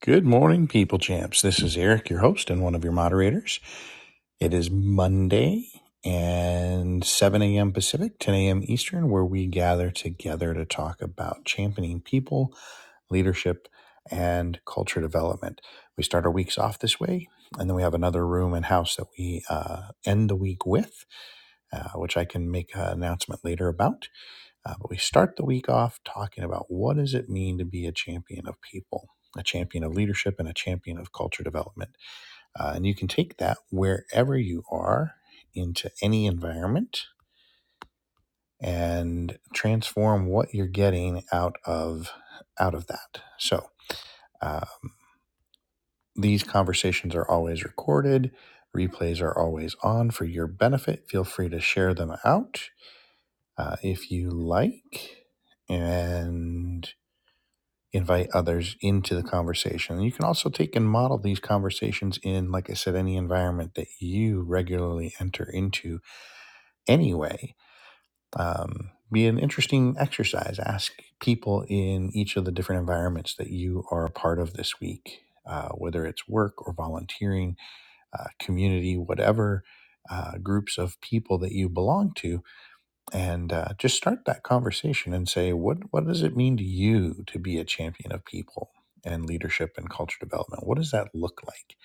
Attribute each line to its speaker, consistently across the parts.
Speaker 1: Good morning, people champs. This is Eric, your host and one of your moderators. It is Monday and 7 a.m. Pacific, 10 a.m. Eastern, where we gather together to talk about championing people, leadership, and culture development. We start our weeks off this way, and then we have another room and house that we uh, end the week with, uh, which I can make an announcement later about. Uh, but we start the week off talking about what does it mean to be a champion of people, a champion of leadership, and a champion of culture development. Uh, and you can take that wherever you are into any environment and transform what you're getting out of out of that. So um, these conversations are always recorded. Replays are always on for your benefit. Feel free to share them out uh, if you like. And invite others into the conversation. And You can also take and model these conversations in, like I said, any environment that you regularly enter into anyway. Um, be an interesting exercise. Ask people in each of the different environments that you are a part of this week, uh, whether it's work or volunteering, uh, community, whatever uh, groups of people that you belong to, and uh, just start that conversation and say what what does it mean to you to be a champion of people and leadership and culture development what does that look like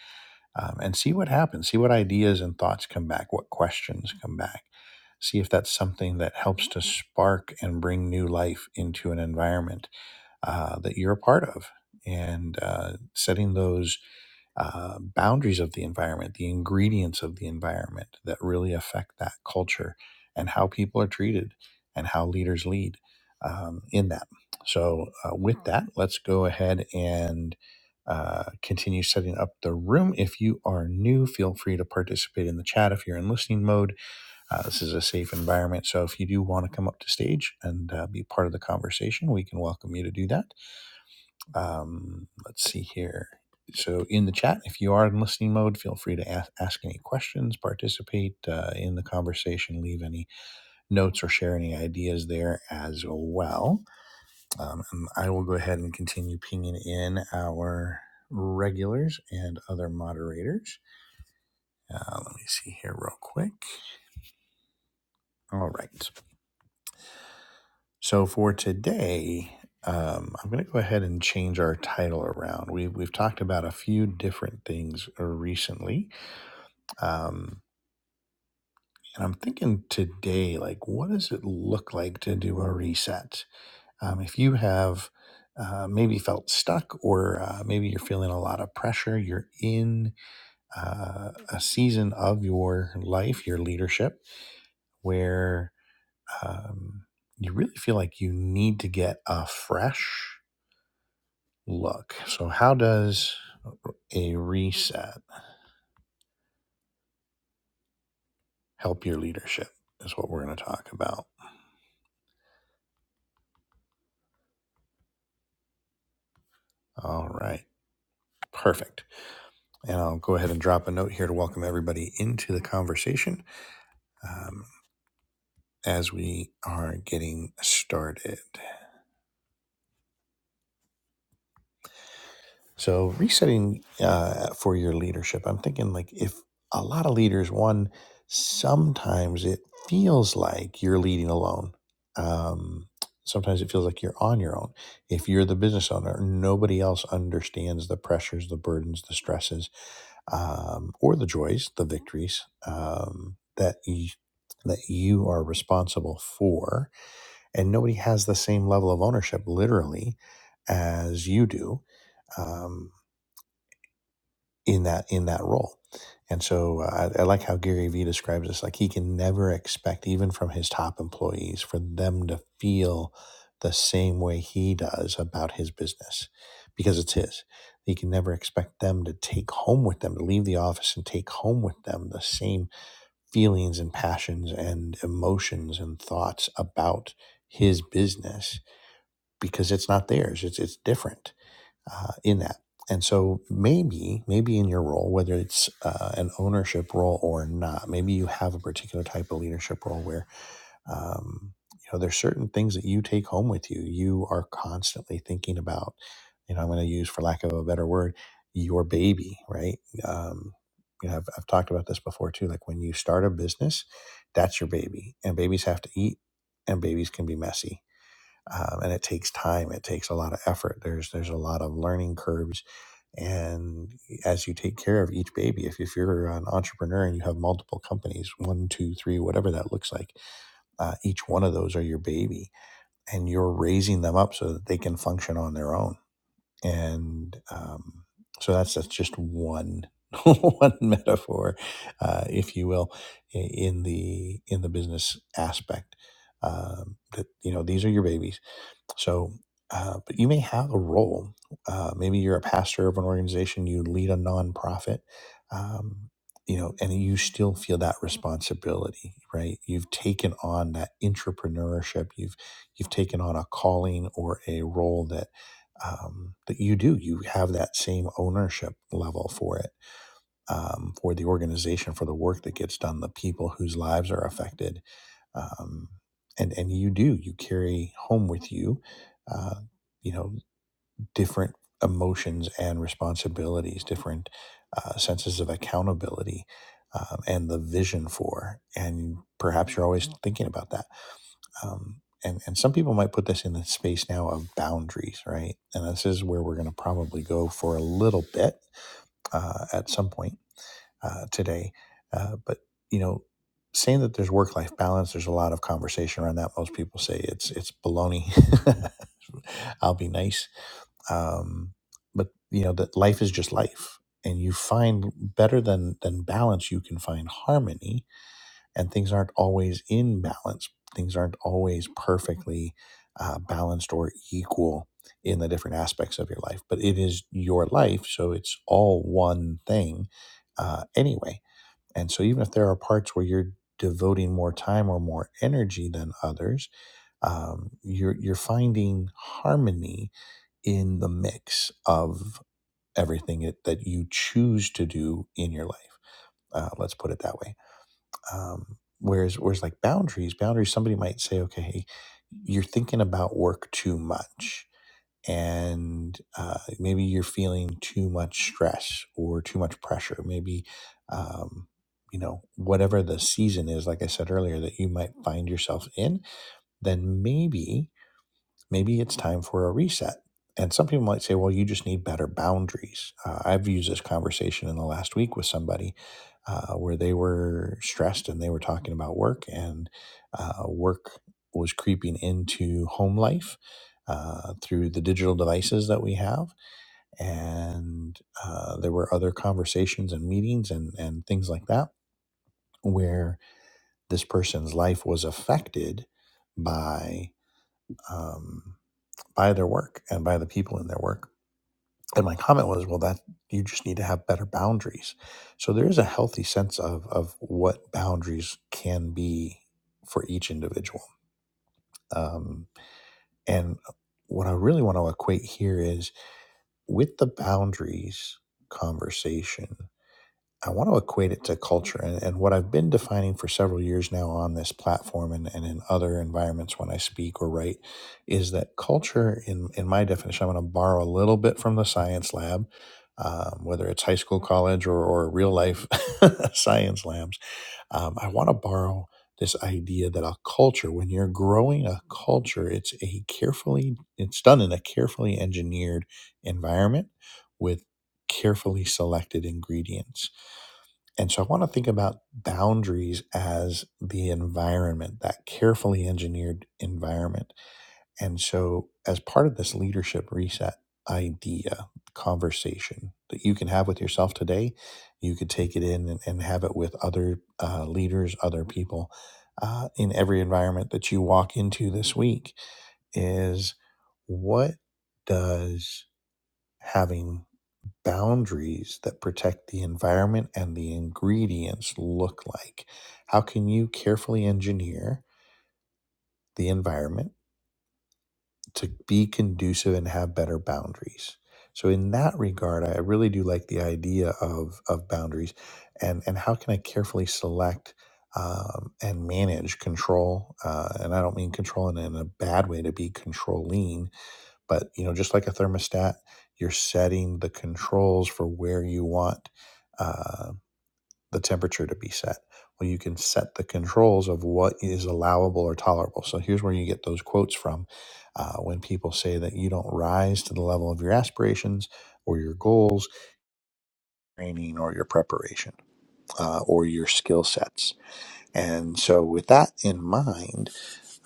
Speaker 1: um, and see what happens see what ideas and thoughts come back what questions come back see if that's something that helps to spark and bring new life into an environment uh, that you're a part of and uh, setting those uh, boundaries of the environment, the ingredients of the environment that really affect that culture and how people are treated and how leaders lead um, in that. So, uh, with that, let's go ahead and uh, continue setting up the room. If you are new, feel free to participate in the chat if you're in listening mode. Uh, this is a safe environment. So, if you do want to come up to stage and uh, be part of the conversation, we can welcome you to do that. Um, let's see here. So, in the chat, if you are in listening mode, feel free to ask, ask any questions, participate uh, in the conversation, leave any notes or share any ideas there as well. Um, and I will go ahead and continue pinging in our regulars and other moderators. Uh, let me see here, real quick. All right. So, for today, um, I'm going to go ahead and change our title around. We, we've talked about a few different things uh, recently Um, and I'm thinking today, like, what does it look like to do a reset? Um, if you have uh, maybe felt stuck, or uh, maybe you're feeling a lot of pressure, you're in uh, a season of your life, your leadership, where um, you really feel like you need to get a fresh look. So, how does a reset help your leadership? Is what we're going to talk about. All right, perfect. And I'll go ahead and drop a note here to welcome everybody into the conversation um, as we are getting started. So resetting uh, for your leadership, I'm thinking like if a lot of leaders, one, sometimes it feels like you're leading alone. Um, sometimes it feels like you're on your own. If you're the business owner, nobody else understands the pressures, the burdens, the stresses, um, or the joys, the victories um, that you, that you are responsible for, and nobody has the same level of ownership, literally, as you do. Um, in that in that role. And so uh, I, I like how Gary Vee describes this. Like he can never expect, even from his top employees, for them to feel the same way he does about his business because it's his. He can never expect them to take home with them, to leave the office and take home with them the same feelings and passions and emotions and thoughts about his business because it's not theirs. It's it's different uh, in that. And so maybe, maybe in your role, whether it's uh, an ownership role or not, maybe you have a particular type of leadership role where, um, you know, there's certain things that you take home with you. You are constantly thinking about, you know, I'm going to use, for lack of a better word, your baby, right? Um, you know, I've, I've talked about this before too. Like when you start a business, that's your baby, and babies have to eat, and babies can be messy um, and it takes time. It takes a lot of effort. There's there's a lot of learning curves, and as you take care of each baby, if if you're an entrepreneur and you have multiple companies, one, two, three, whatever that looks like, uh, each one of those are your baby, and you're raising them up so that they can function on their own. And um, so that's that's just one. one metaphor, uh, if you will, in the in the business aspect, um, that you know these are your babies, so, uh, but you may have a role. Uh, maybe you're a pastor of an organization, you lead a nonprofit, um, you know, and you still feel that responsibility, right? You've taken on that entrepreneurship. You've you've taken on a calling or a role that um, that you do. You have that same ownership level for it, um, for the organization, for the work that gets done, the people whose lives are affected um, and and you do you carry home with you uh, you know different emotions and responsibilities different uh, senses of accountability um, and the vision for and perhaps you're always thinking about that um, and and some people might put this in the space now of boundaries right and this is where we're going to probably go for a little bit uh, at some point uh, today. Uh, but you know, saying that there's work life balance, there's a lot of conversation around that. Most people say it's it's baloney. I'll be nice, um, but you know that life is just life, and you find better than than balance, you can find harmony, and things aren't always in balance. Things aren't always perfectly uh, balanced or equal in the different aspects of your life, but it is your life, so it's all one thing uh, anyway and so, even if there are parts where you're devoting more time or more energy than others, um, you're you're finding harmony in the mix of everything it, that you choose to do in your life. Uh, let's put it that way. Um, whereas, whereas like boundaries, boundaries, somebody might say, okay, you're thinking about work too much and uh, maybe you're feeling too much stress or too much pressure. Maybe, um, you know, whatever the season is, like I said earlier, that you might find yourself in, then maybe maybe it's time for a reset. And some people might say, well, you just need better boundaries. Uh, I've used this conversation in the last week with somebody uh, where they were stressed and they were talking about work, and uh, work was creeping into home life uh, through the digital devices that we have. And uh, there were other conversations and meetings and, and things like that where this person's life was affected by. um, by their work and by the people in their work. And my comment was, well, that you just need to have better boundaries. So there is a healthy sense of of what boundaries can be for each individual. Um, and what I really want to equate here is with the boundaries conversation. I want to equate it to culture. And, and what I've been defining for several years now on this platform and, and in other environments when I speak or write is that culture, in, in my definition, I'm going to borrow a little bit from the science lab, um, whether it's high school, college, or, or real life science labs. Um, I want to borrow this idea that a culture, when you're growing a culture, it's a carefully, it's done in a carefully engineered environment with carefully selected ingredients and so I want to think about boundaries as the environment, that carefully engineered environment. And so, as part of this leadership reset idea, conversation that you can have with yourself today, you could take it in and, and have it with other uh, leaders, other people uh, in every environment that you walk into this week is what does having boundaries that protect the environment and the ingredients look like? How can you carefully engineer the environment to be conducive and have better boundaries? So in that regard, I really do like the idea of, of boundaries and, and how can I carefully select um, and manage control? Uh, and I don't mean control in, in a bad way to be controlling, but you know just like a thermostat you're setting the controls for where you want uh, the temperature to be set well you can set the controls of what is allowable or tolerable so here's where you get those quotes from uh, when people say that you don't rise to the level of your aspirations or your goals training or your preparation uh, or your skill sets and so with that in mind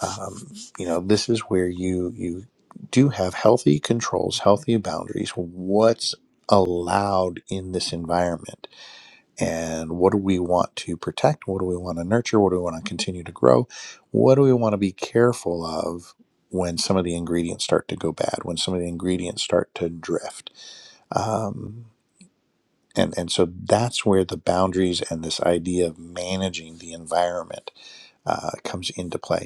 Speaker 1: um, you know this is where you you do have healthy controls healthy boundaries what's allowed in this environment and what do we want to protect what do we want to nurture what do we want to continue to grow what do we want to be careful of when some of the ingredients start to go bad when some of the ingredients start to drift um, and and so that's where the boundaries and this idea of managing the environment uh, comes into play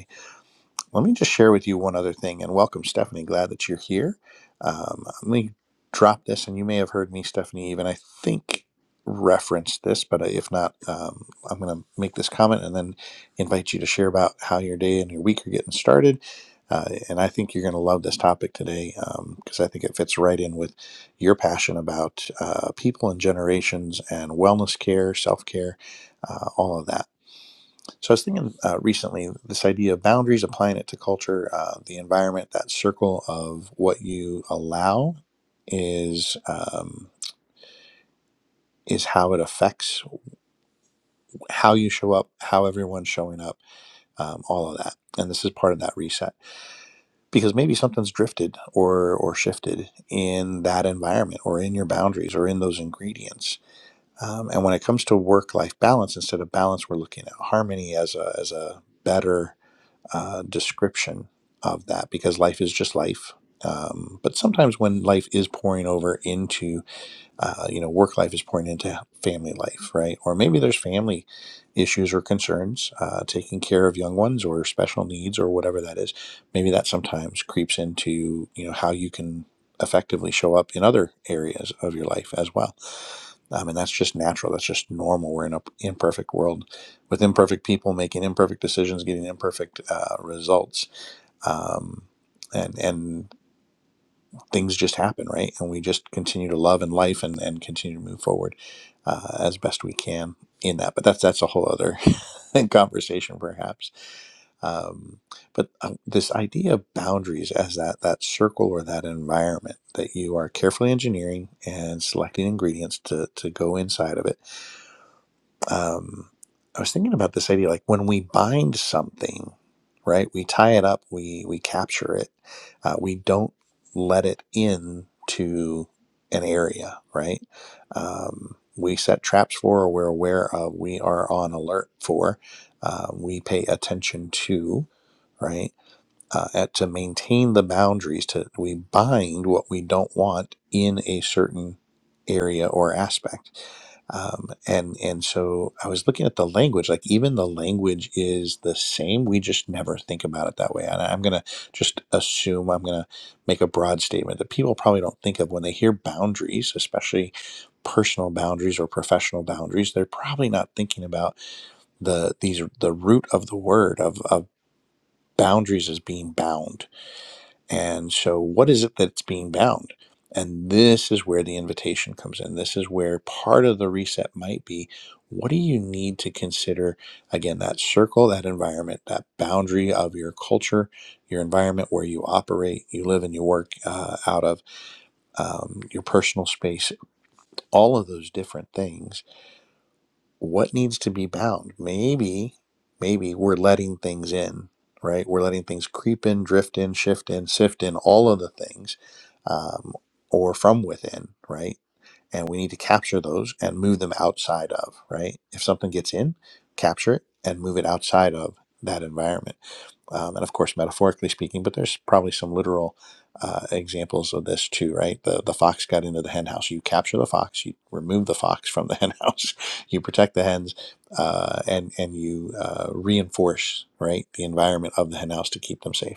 Speaker 1: let me just share with you one other thing and welcome, Stephanie. Glad that you're here. Um, let me drop this, and you may have heard me, Stephanie, even I think reference this, but uh, if not, um, I'm going to make this comment and then invite you to share about how your day and your week are getting started. Uh, and I think you're going to love this topic today because I think it fits right in with your passion about uh, people and generations and wellness care, self care, uh, all of that. So I was thinking uh, recently this idea of boundaries, applying it to culture, uh, the environment, that circle of what you allow is um, is how it affects how you show up, how everyone's showing up, um, all of that. And this is part of that reset because maybe something's drifted or or shifted in that environment or in your boundaries or in those ingredients. Um, and when it comes to work life balance, instead of balance, we're looking at harmony as a as a better uh, description of that because life is just life. Um, but sometimes when life is pouring over into uh, you know, work life is pouring into family life, right? Or maybe there's family issues or concerns, uh, taking care of young ones or special needs or whatever that is. Maybe that sometimes creeps into, you know, how you can effectively show up in other areas of your life as well. Um, and that's just natural. That's just normal. We're in an imperfect world with imperfect people making imperfect decisions, getting imperfect uh, results. Um, and, and things just happen, right? And we just continue to love and life and, and continue to move forward uh, as best we can in that. But that's that's a whole other conversation, perhaps. Um, but uh, this idea of boundaries as that that circle or that environment that you are carefully engineering and selecting ingredients to to go inside of it um, I was thinking about this idea like when we bind something, right? We tie it up, we we capture it, uh, we don't let it in to an area, right? Um, we set traps for, or we're aware of, we are on alert for, uh, we pay attention to, right? uh, at, to maintain the boundaries to we bind what we don't want in a certain area or aspect um, and and so i was looking at the language like even the language is the same we just never think about it that way and i'm going to just assume i'm going to make a broad statement that people probably don't think of when they hear boundaries especially personal boundaries or professional boundaries they're probably not thinking about the these the root of the word of, of boundaries as being bound and so, what is it that's being bound? And this is where the invitation comes in. This is where part of the reset might be. What do you need to consider? Again, that circle, that environment, that boundary of your culture, your environment where you operate, you live, and you work uh, out of, um, your personal space, all of those different things what needs to be bound maybe maybe we're letting things in right we're letting things creep in drift in shift in sift in all of the things um, or from within right and we need to capture those and move them outside of right if something gets in capture it and move it outside of that environment um, and of course metaphorically speaking but there's probably some literal uh, examples of this too right the, the fox got into the hen house you capture the fox you remove the fox from the hen house you protect the hens uh, and and you uh, reinforce right the environment of the hen house to keep them safe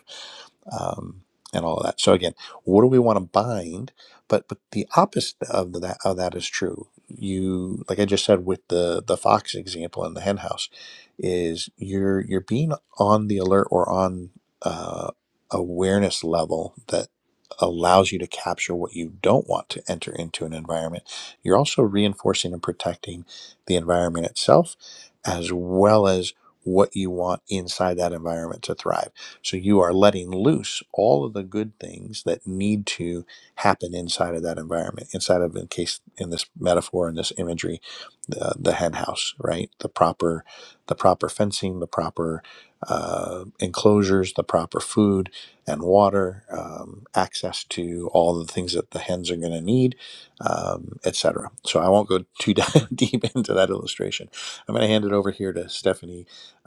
Speaker 1: um, and all of that. So again, what do we want to bind? But but the opposite of that of that is true. You like I just said with the the fox example in the hen house, is you're you're being on the alert or on uh, awareness level that allows you to capture what you don't want to enter into an environment. You're also reinforcing and protecting the environment itself, as well as what you want inside that environment to thrive so you are letting loose all of the good things that need to happen inside of that environment, inside of, in case, in this metaphor, in this imagery, the, the hen house, right? The proper, the proper fencing, the proper uh, enclosures, the proper food and water, um, access to all the things that the hens are going to need, um, etc. So I won't go too deep into that illustration. I'm going to hand it over here to Stephanie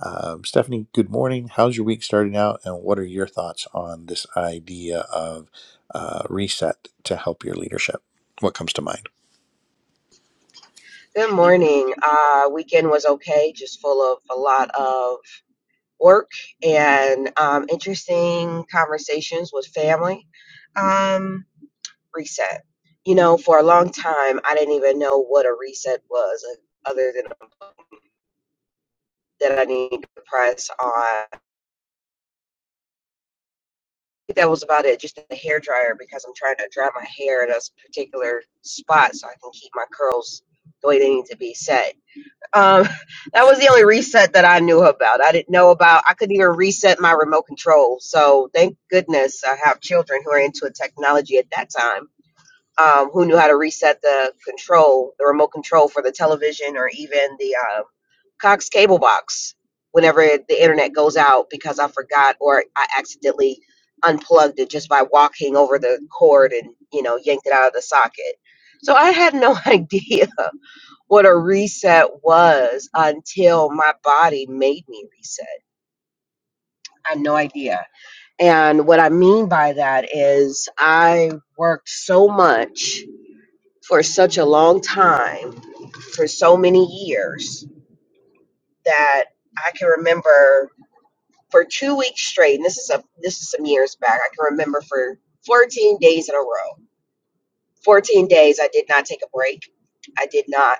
Speaker 1: um, Stephanie, good morning. How's your week starting out, and what are your thoughts on this idea of uh, reset to help your leadership? What comes to mind?
Speaker 2: Good morning. Uh, weekend was okay, just full of a lot of work and um, interesting conversations with family. Um, reset. You know, for a long time, I didn't even know what a reset was, uh, other than a button that I need to press on. I think that was about it. Just a hair dryer because I'm trying to dry my hair at a s- particular spot so I can keep my curls the way they need to be set Um, that was the only reset that I knew about. I didn't know about. I couldn't even reset my remote control. So thank goodness I have children who are into technology at that time. Um, who knew how to reset the control, the remote control for the television or even the uh, Cox cable box whenever the internet goes out because I forgot or I accidentally unplugged it just by walking over the cord and you know yanked it out of the socket. So I had no idea what a reset was until my body made me reset. I have no idea. And what I mean by that is I worked so much for such a long time, for so many years that I can remember for 2 weeks straight. And this is a this is some years back. I can remember for 14 days in a row. 14 days I did not take a break. I did not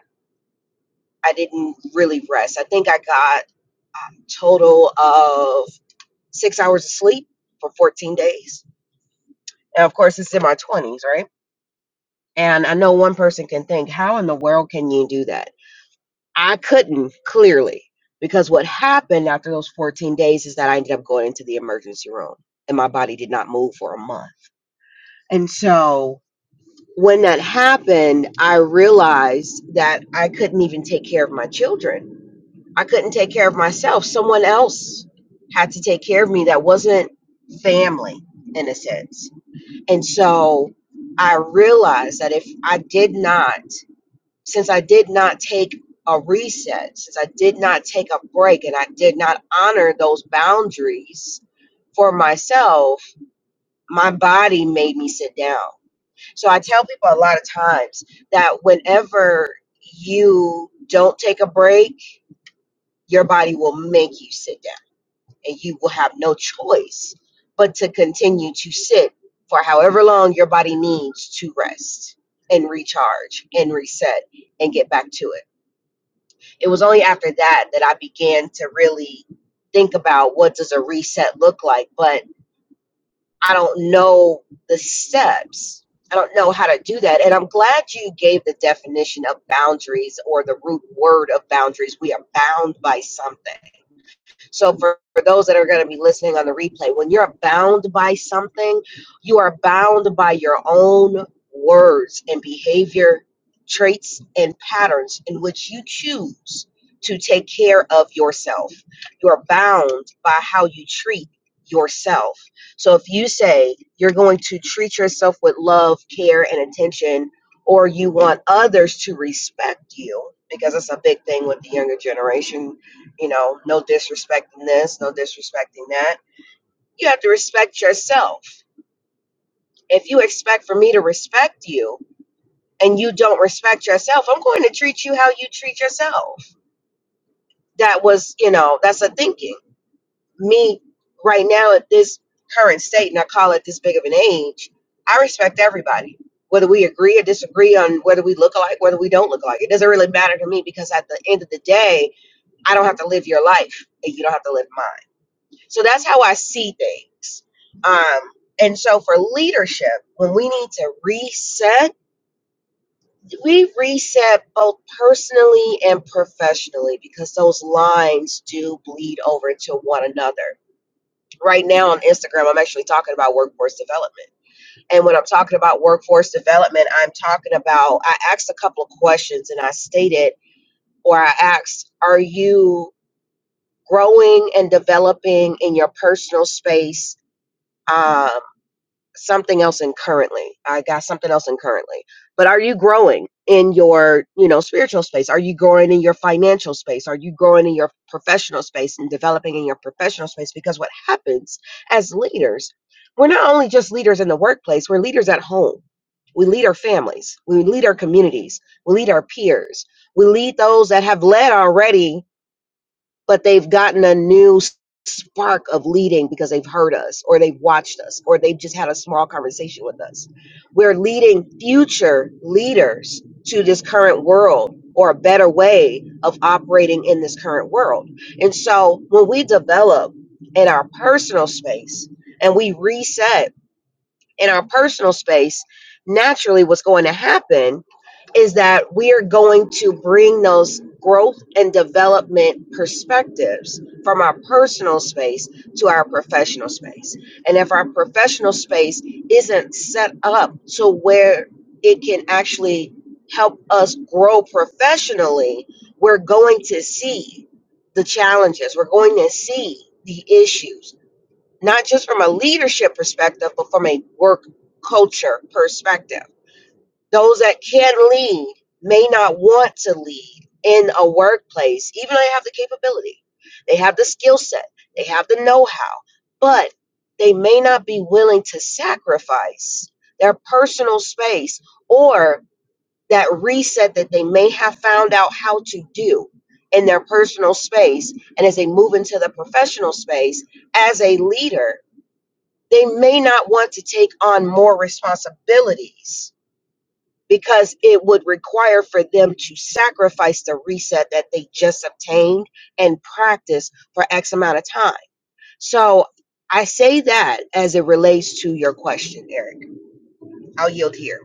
Speaker 2: I didn't really rest. I think I got total of six hours of sleep for 14 days. And of course, it's in my 20s, right? And I know one person can think, how in the world can you do that? I couldn't, clearly, because what happened after those 14 days is that I ended up going into the emergency room and my body did not move for a month. And so when that happened, I realized that I couldn't even take care of my children. I couldn't take care of myself. Someone else had to take care of me that wasn't family in a sense And so I realized that if I did not, since I did not take a reset, since I did not take a break and I did not honor those boundaries for myself, my body made me sit down. So I tell people a lot of times that whenever you don't take a break, your body will make you sit down and you will have no choice but to continue to sit for however long your body needs to rest and recharge and reset and get back to it. It was only after that that I began to really think about what does a reset look like, but I don't know the steps. I don't know how to do that. And I'm glad you gave the definition of boundaries or the root word of boundaries. We are bound by something so for, for those that are going to be listening on the replay, when you're bound by something, you are bound by your own words and behavior traits and patterns in which you choose to take care of yourself. You're bound by how you treat yourself. So if you say you're going to treat yourself with love, care, and attention, or you want others to respect you, because it's a big thing with the younger generation you know, no disrespecting this, no disrespecting that. You have to respect yourself. If you expect for me to respect you and you don't respect yourself, I'm going to treat you how you treat yourself. That was, you know, that's a thinking. Me right now at this current state, and I call it this big of an age, I respect everybody. Whether we agree or disagree on whether we look alike, whether we don't look alike, it doesn't really matter to me because at the end of the day, I don't have to live your life and you don't have to live mine So that's how I see things. Um, and so for leadership, when we need to reset, we reset both personally and professionally because those lines do bleed over to one another. Right now on Instagram, I'm actually talking about workforce development. And when I'm talking about workforce development, I'm talking about, I asked a couple of questions and I stated, or I asked, are you growing and developing in your personal space? Um, something else in currently. I got something else in currently. But are you growing in your, you know, spiritual space? Are you growing in your financial space? Are you growing in your professional space and developing in your professional space? Because what happens as leaders, we're not only just leaders in the workplace, we're leaders at home. We lead our families. We lead our communities. We lead our peers. We lead those that have led already but they've gotten a new s- spark of leading because they've heard us or they've watched us or they've just had a small conversation with us. We're leading future leaders to this current world or a better way of operating in this current world. And so when we develop in our personal space and we reset in our personal space, naturally what's going to happen is that we are going to bring those growth and development perspectives from our personal space to our professional space. And if our professional space isn't set up to where it can actually help us grow professionally, we're going to see the challenges, we're going to see the issues not just from a leadership perspective, but from a work culture perspective. Those that can lead may not want to lead in a workplace, even though they have the capability, they have the skill set, they have the know how, but they may not be willing to sacrifice their personal space or that reset that they may have found out how to do in their personal space. And as they move into the professional space as a leader, they may not want to take on more responsibilities because it would require for them to sacrifice the reset that they just obtained and practice for X amount of time. So I say that as it relates to your question, Eric. I'll yield here.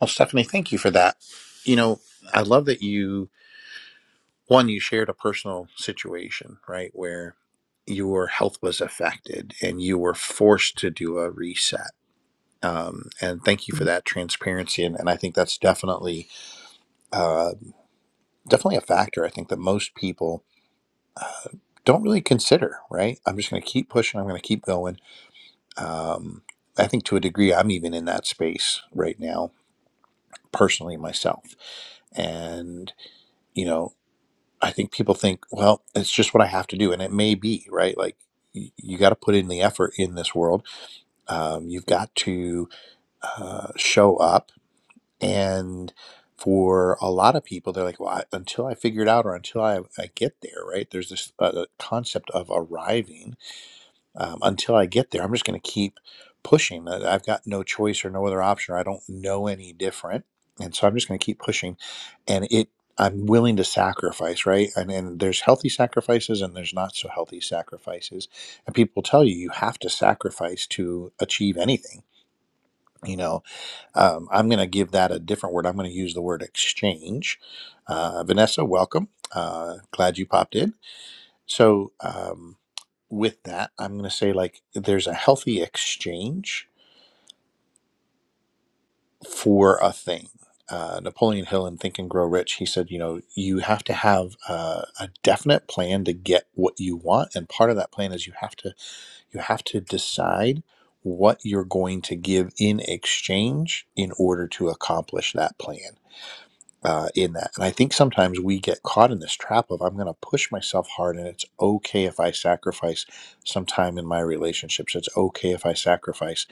Speaker 1: Well, Stephanie, thank you for that. You know, I love that you one you shared a personal situation, right, where your health was affected and you were forced to do a reset. Um, and thank you for that transparency. And, and I think that's definitely uh, definitely a factor. I think that most people don't really consider, right? I'm just going to keep pushing. I'm going to keep going. Um, I think to a degree, I'm even in that space right now, personally myself. And, you know, I think people think, well, it's just what I have to do. And it may be, right? Like, y- you got to put in the effort in this world. Um, you've got to uh, show up. And for a lot of people, they're like, well, I, until I figure it out or until I, I get there, right? There's this uh, concept of arriving um, until I get there, I'm just going to keep pushing. Uh, I've got no choice or no other option. or I don't know any different, and so I'm just going to keep pushing. And it, I'm willing to sacrifice, right? And, and there's healthy sacrifices, and there's not so healthy sacrifices. And people tell you you have to sacrifice to achieve anything. You know, um, I'm going to give that a different word. I'm going to use the word exchange. Uh, Vanessa, welcome. Uh, glad you popped in so, um, with that, I'm going to say like there's a healthy exchange for a thing. Uh, Napoleon Hill in Think and Grow Rich, he said, you know, you have to have uh, a definite plan to get what you want, and part of that plan is you have to you have to decide what you're going to give in exchange in order to accomplish that plan. uh, in that. And I think sometimes we get caught in this trap of I'm going to push myself hard, and it's okay if I sacrifice some time in my relationships. It's okay if I sacrifice,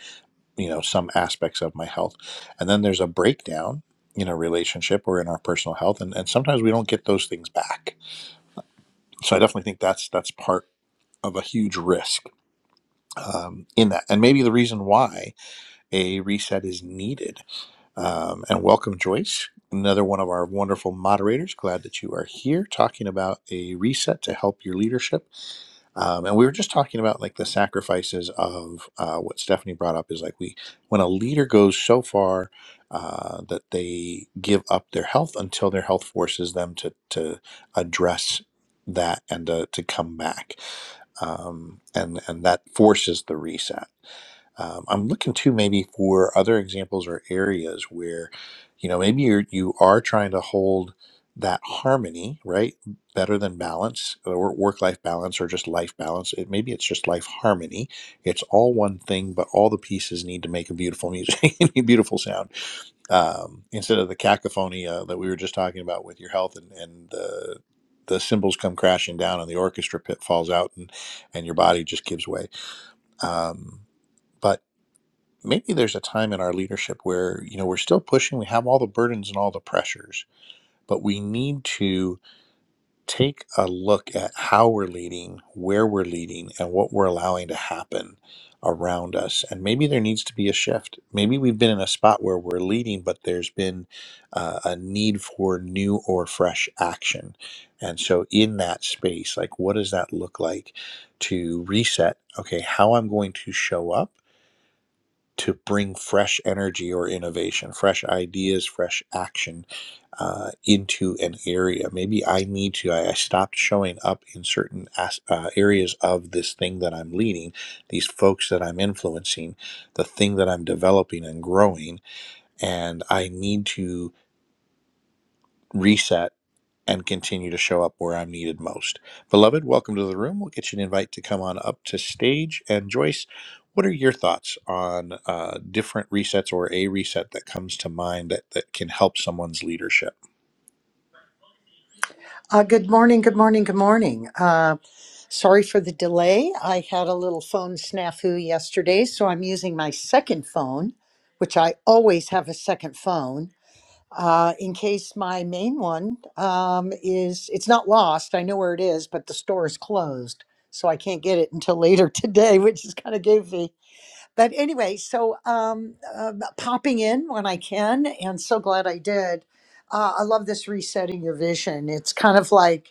Speaker 1: you know, some aspects of my health. And then there's a breakdown in a relationship or in our personal health, and, and sometimes we don't get those things back. So I definitely think that's that's part of a huge risk um, in that, and maybe the reason why a reset is needed Um, and welcome, Joyce, another one of our wonderful moderators. Glad that you are here talking about a reset to help your leadership. Um, and we were just talking about like the sacrifices of uh, what Stephanie brought up is like we, when a leader goes so far uh, that they give up their health until their health forces them to, to address that and to, to come back. Um, and, and that forces the reset. Um, I'm looking too maybe for other examples or areas where, you know, maybe you're, you are trying to hold that harmony, right? Better than balance or work life balance or just life balance. It, maybe it's just life harmony. It's all one thing, but all the pieces need to make a beautiful music, a beautiful sound. Um, instead of the cacophony uh, that we were just talking about with your health and, and the, the cymbals come crashing down and the orchestra pit falls out and, and your body just gives way. Um, but maybe there's a time in our leadership where you know we're still pushing we have all the burdens and all the pressures but we need to take a look at how we're leading where we're leading and what we're allowing to happen around us and maybe there needs to be a shift maybe we've been in a spot where we're leading but there's been uh, a need for new or fresh action and so in that space like what does that look like to reset okay how i'm going to show up to bring fresh energy or innovation, fresh ideas, fresh action uh, into an area. Maybe I need to, I, I stopped showing up in certain as, uh, areas of this thing that I'm leading, these folks that I'm influencing, the thing that I'm developing and growing, and I need to reset and continue to show up where I'm needed most. Beloved, welcome to the room. We'll get you an invite to come on up to stage. And Joyce, what are your thoughts on uh, different resets or a reset that comes to mind that, that can help someone's leadership?
Speaker 3: Uh, good morning, good morning, good morning. Uh, sorry for the delay. I had a little phone snafu yesterday, so I'm using my second phone, which I always have a second phone uh, in case my main one um, is, it's not lost. I know where it is, but the store is closed. So I can't get it until later today, which is kind of goofy. But anyway, so um, uh, popping in when I can, and so glad I did. Uh, I love this resetting your vision. It's kind of like,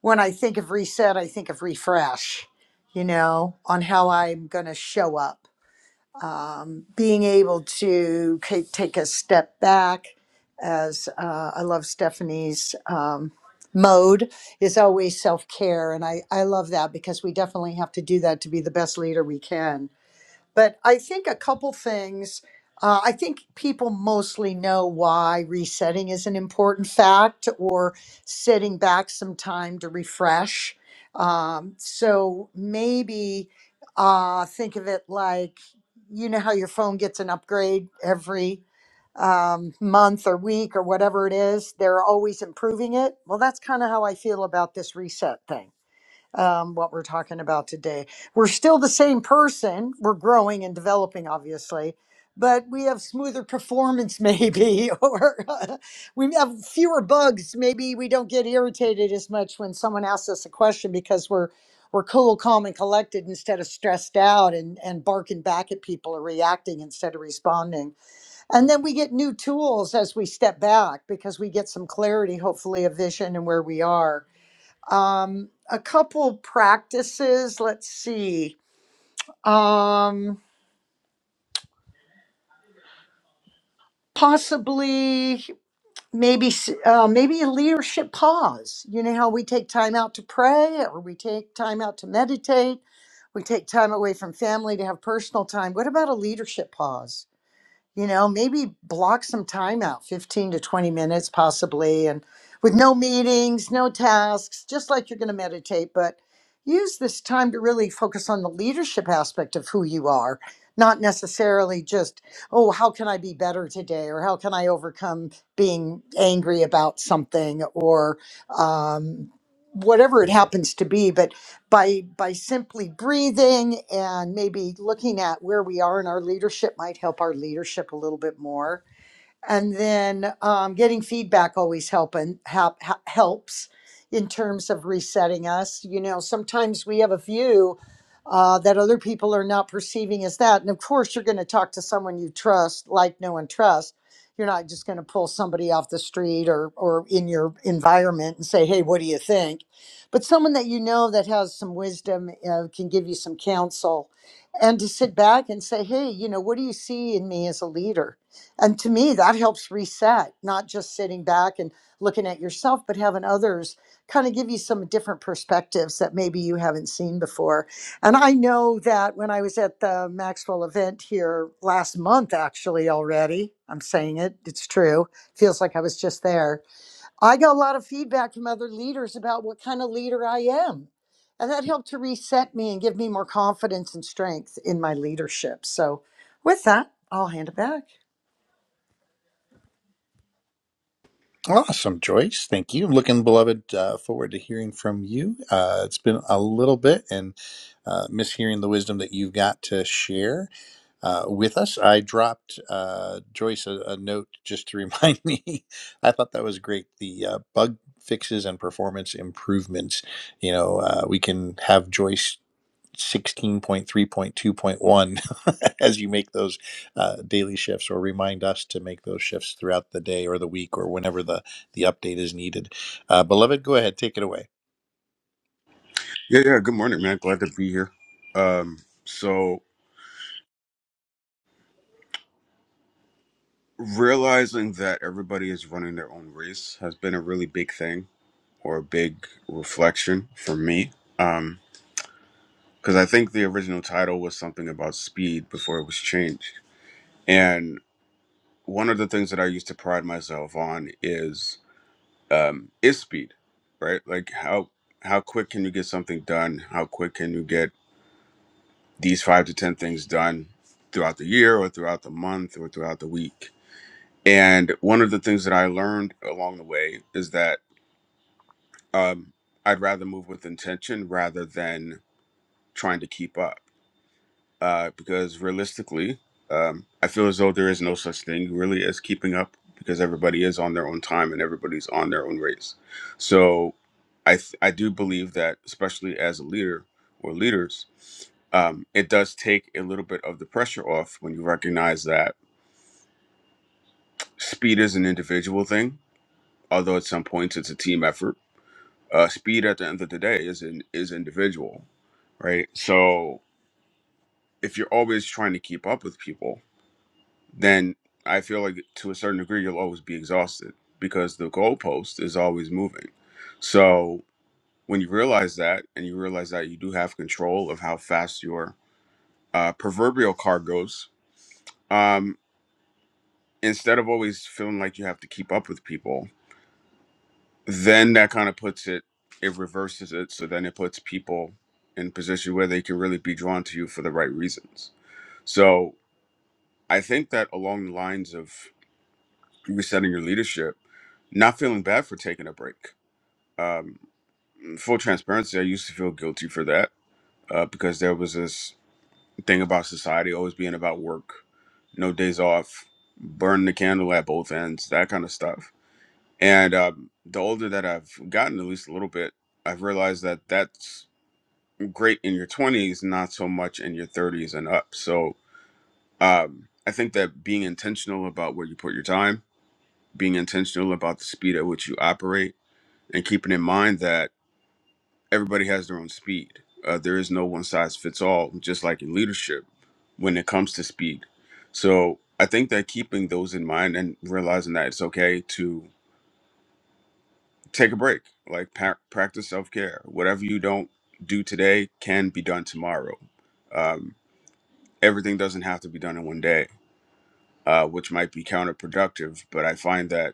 Speaker 3: when I think of reset, I think of refresh, you know, on how I'm going to show up. Um, being able to ca- take a step back, as uh, I love Stephanie's um, mode, is always self care. And I, I love that because we definitely have to do that to be the best leader we can. But I think a couple things. Uh, I think people mostly know why resetting is an important fact or setting back some time to refresh. Um, so maybe uh, think of it like you know how your phone gets an upgrade every um, month or week or whatever it is, they're always improving it. Well, that's kind of how I feel about this reset thing um, what we're talking about today. We're still the same person. We're growing and developing, obviously, but we have smoother performance, maybe, or uh, we have fewer bugs. Maybe we don't get irritated as much when someone asks us a question because we're we're cool, calm, and collected instead of stressed out and, and barking back at people or reacting instead of responding. And then we get new tools as we step back because we get some clarity, hopefully, of vision and where we are um, a couple practices. Let's see. Um, possibly, maybe, s- uh, maybe a leadership pause. You know how we take time out to pray, or we take time out to meditate. We take time away from family to have personal time. What about a leadership pause? you know maybe block some time out 15 to 20 minutes possibly and with no meetings no tasks just like you're going to meditate but use this time to really focus on the leadership aspect of who you are not necessarily just oh how can i be better today or how can i overcome being angry about something or um, whatever it happens to be but by by simply breathing and maybe looking at where we are in our leadership might help our leadership a little bit more and then um, getting feedback always helping help, helps in terms of resetting us you know sometimes we have a view uh, that other people are not perceiving as that and of course you're going to talk to someone you trust like no one trust you're not just going to pull somebody off the street or or in your environment and say hey what do you think but someone that you know that has some wisdom uh, can give you some counsel and to sit back and say hey you know what do you see in me as a leader and to me, that helps reset, not just sitting back and looking at yourself, but having others kind of give you some different perspectives that maybe you haven't seen before. And I know that when I was at the Maxwell event here last month, actually, already, I'm saying it, it's true. Feels like I was just there. I got a lot of feedback from other leaders about what kind of leader I am. And that helped to reset me and give me more confidence and strength in my leadership. So, with that, I'll hand it back.
Speaker 1: Awesome, Joyce. Thank you. Looking, beloved, uh, forward to hearing from you. Uh, it's been a little bit and uh, miss hearing the wisdom that you've got to share. uh, with us. I dropped uh, Joyce a, a note just to remind me. I thought that was great. The uh, bug fixes and performance improvements. You know, uh, we can have Joyce. 16.3.2.1 as you make those uh, daily shifts or remind us to make those shifts throughout the day or the week or whenever the, the update is needed. Uh, beloved, go ahead, take it away.
Speaker 4: Yeah, yeah. Good morning, man. Glad to be here. Um, so realizing that everybody is running their own race has been a really big thing or a big reflection for me. Um, because I think the original title was something about speed before it was changed. And one of the things that I used to pride myself on is um is speed, right? Like how how quick can you get something done? How quick can you get these five to ten things done throughout the year or throughout the month or throughout the week? And one of the things that I learned along the way is that um, I'd rather move with intention rather than trying to keep up. Uh, because realistically, um, I feel as though there is no such thing really as keeping up because everybody is on their own time and everybody's on their own race. So I, th- I do believe that, especially as a leader or leaders, um, it does take a little bit of the pressure off when you recognize that speed is an individual thing, although at some points it's a team effort Uh, speed at the end of the day is in, is individual, right? So if you're always trying to keep up with people, then I feel like to a certain degree you'll always be exhausted because the goalpost is always moving. So when you realize that, and you realize that you do have control of how fast your uh, proverbial car goes, um, instead of always feeling like you have to keep up with people then that kind of puts it it reverses it so then it puts people in a position where they can really be drawn to you for the right reasons so i think that along the lines of resetting your leadership not feeling bad for taking a break um, full transparency i used to feel guilty for that uh, because there was this thing about society always being about work no days off burn the candle at both ends that kind of stuff And um, the older that I've gotten, at least a little bit, I've realized that that's great in your 20s, not so much in your 30s and up. So um, I think that being intentional about where you put your time, being intentional about the speed at which you operate, and keeping in mind that everybody has their own speed. Uh, there is no one size fits all, just like in leadership when it comes to speed. So I think that keeping those in mind and realizing that it's okay to take a break like pa- practice self-care whatever you don't do today can be done tomorrow um, everything doesn't have to be done in one day uh, which might be counterproductive but i find that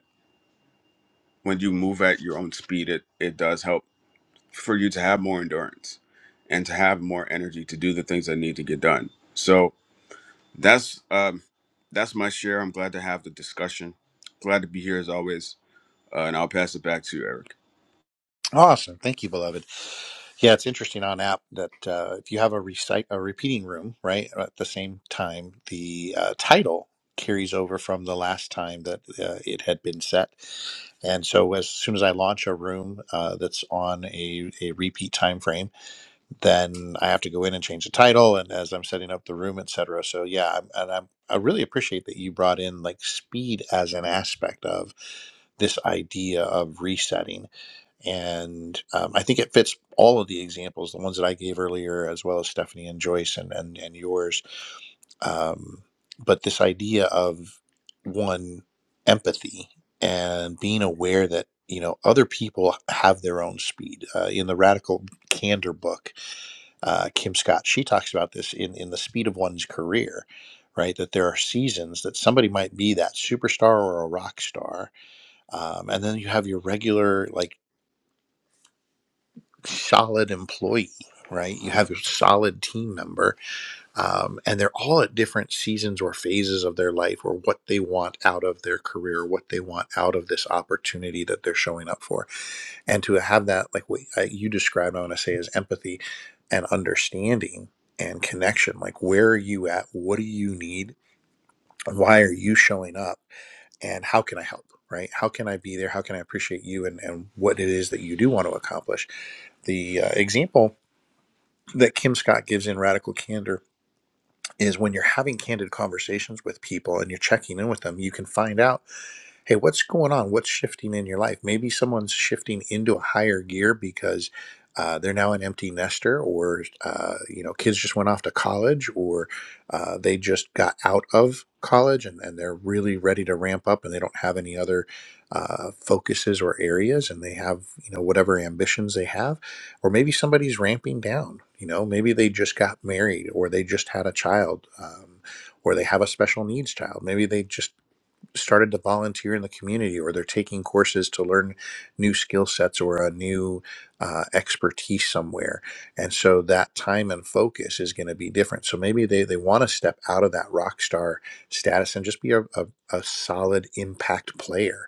Speaker 4: when you move at your own speed it, it does help for you to have more endurance and to have more energy to do the things that need to get done so that's um, that's my share i'm glad to have the discussion glad to be here as always uh, and i'll pass it back to you eric
Speaker 1: Awesome. Thank you, beloved. Yeah, it's interesting on app that uh, if you have a recite a repeating room, right, uh, at the same time, the uh, title carries over from the last time that uh, it had been set. And so, as soon as I launch a room uh, that's on a, a repeat time frame, then I have to go in and change the title, and as I'm setting up the room, etc. So, yeah, I'm, and I'm, I really appreciate that you brought in like speed as an aspect of this idea of resetting and um, I think it fits all of the examples, the ones that I gave earlier, as well as Stephanie and Joyce and and, and yours. Um, but this idea of one empathy and being aware that you know other people have their own speed. Uh, in the Radical Candor book, uh, Kim Scott she talks about this in in the speed of one's career. Right, that there are seasons that somebody might be that superstar or a rock star, um, and then you have your regular like solid employee, right? You have a solid team member, um, and they're all at different seasons or phases of their life or what they want out of their career, what they want out of this opportunity that they're showing up for. And to have that, like what uh, you described, I want to say is empathy and understanding and connection. Like, where are you at? What do you need? Why are you showing up? And how can I help? Right? How can I be there? How can I appreciate you and, and what it is that you do want to accomplish? The uh, example that Kim Scott gives in Radical Candor is when you're having candid conversations with people and you're checking in with them, you can find out hey, what's going on? What's shifting in your life? Maybe someone's shifting into a higher gear because uh, they're now an empty nester, or uh, you know, kids just went off to college, or uh, they just got out of college and, and they're really ready to ramp up, and they don't have any other uh, focuses or areas, and they have you know whatever ambitions they have, or maybe somebody's ramping down. You know, maybe they just got married, or they just had a child. Um, or they have a special needs child. Maybe they just started to volunteer in the community or they're taking courses to learn new skill sets or a new uh, expertise somewhere and so that time and focus is going to be different so maybe they, they want to step out of that rock star status and just be a, a, a solid impact player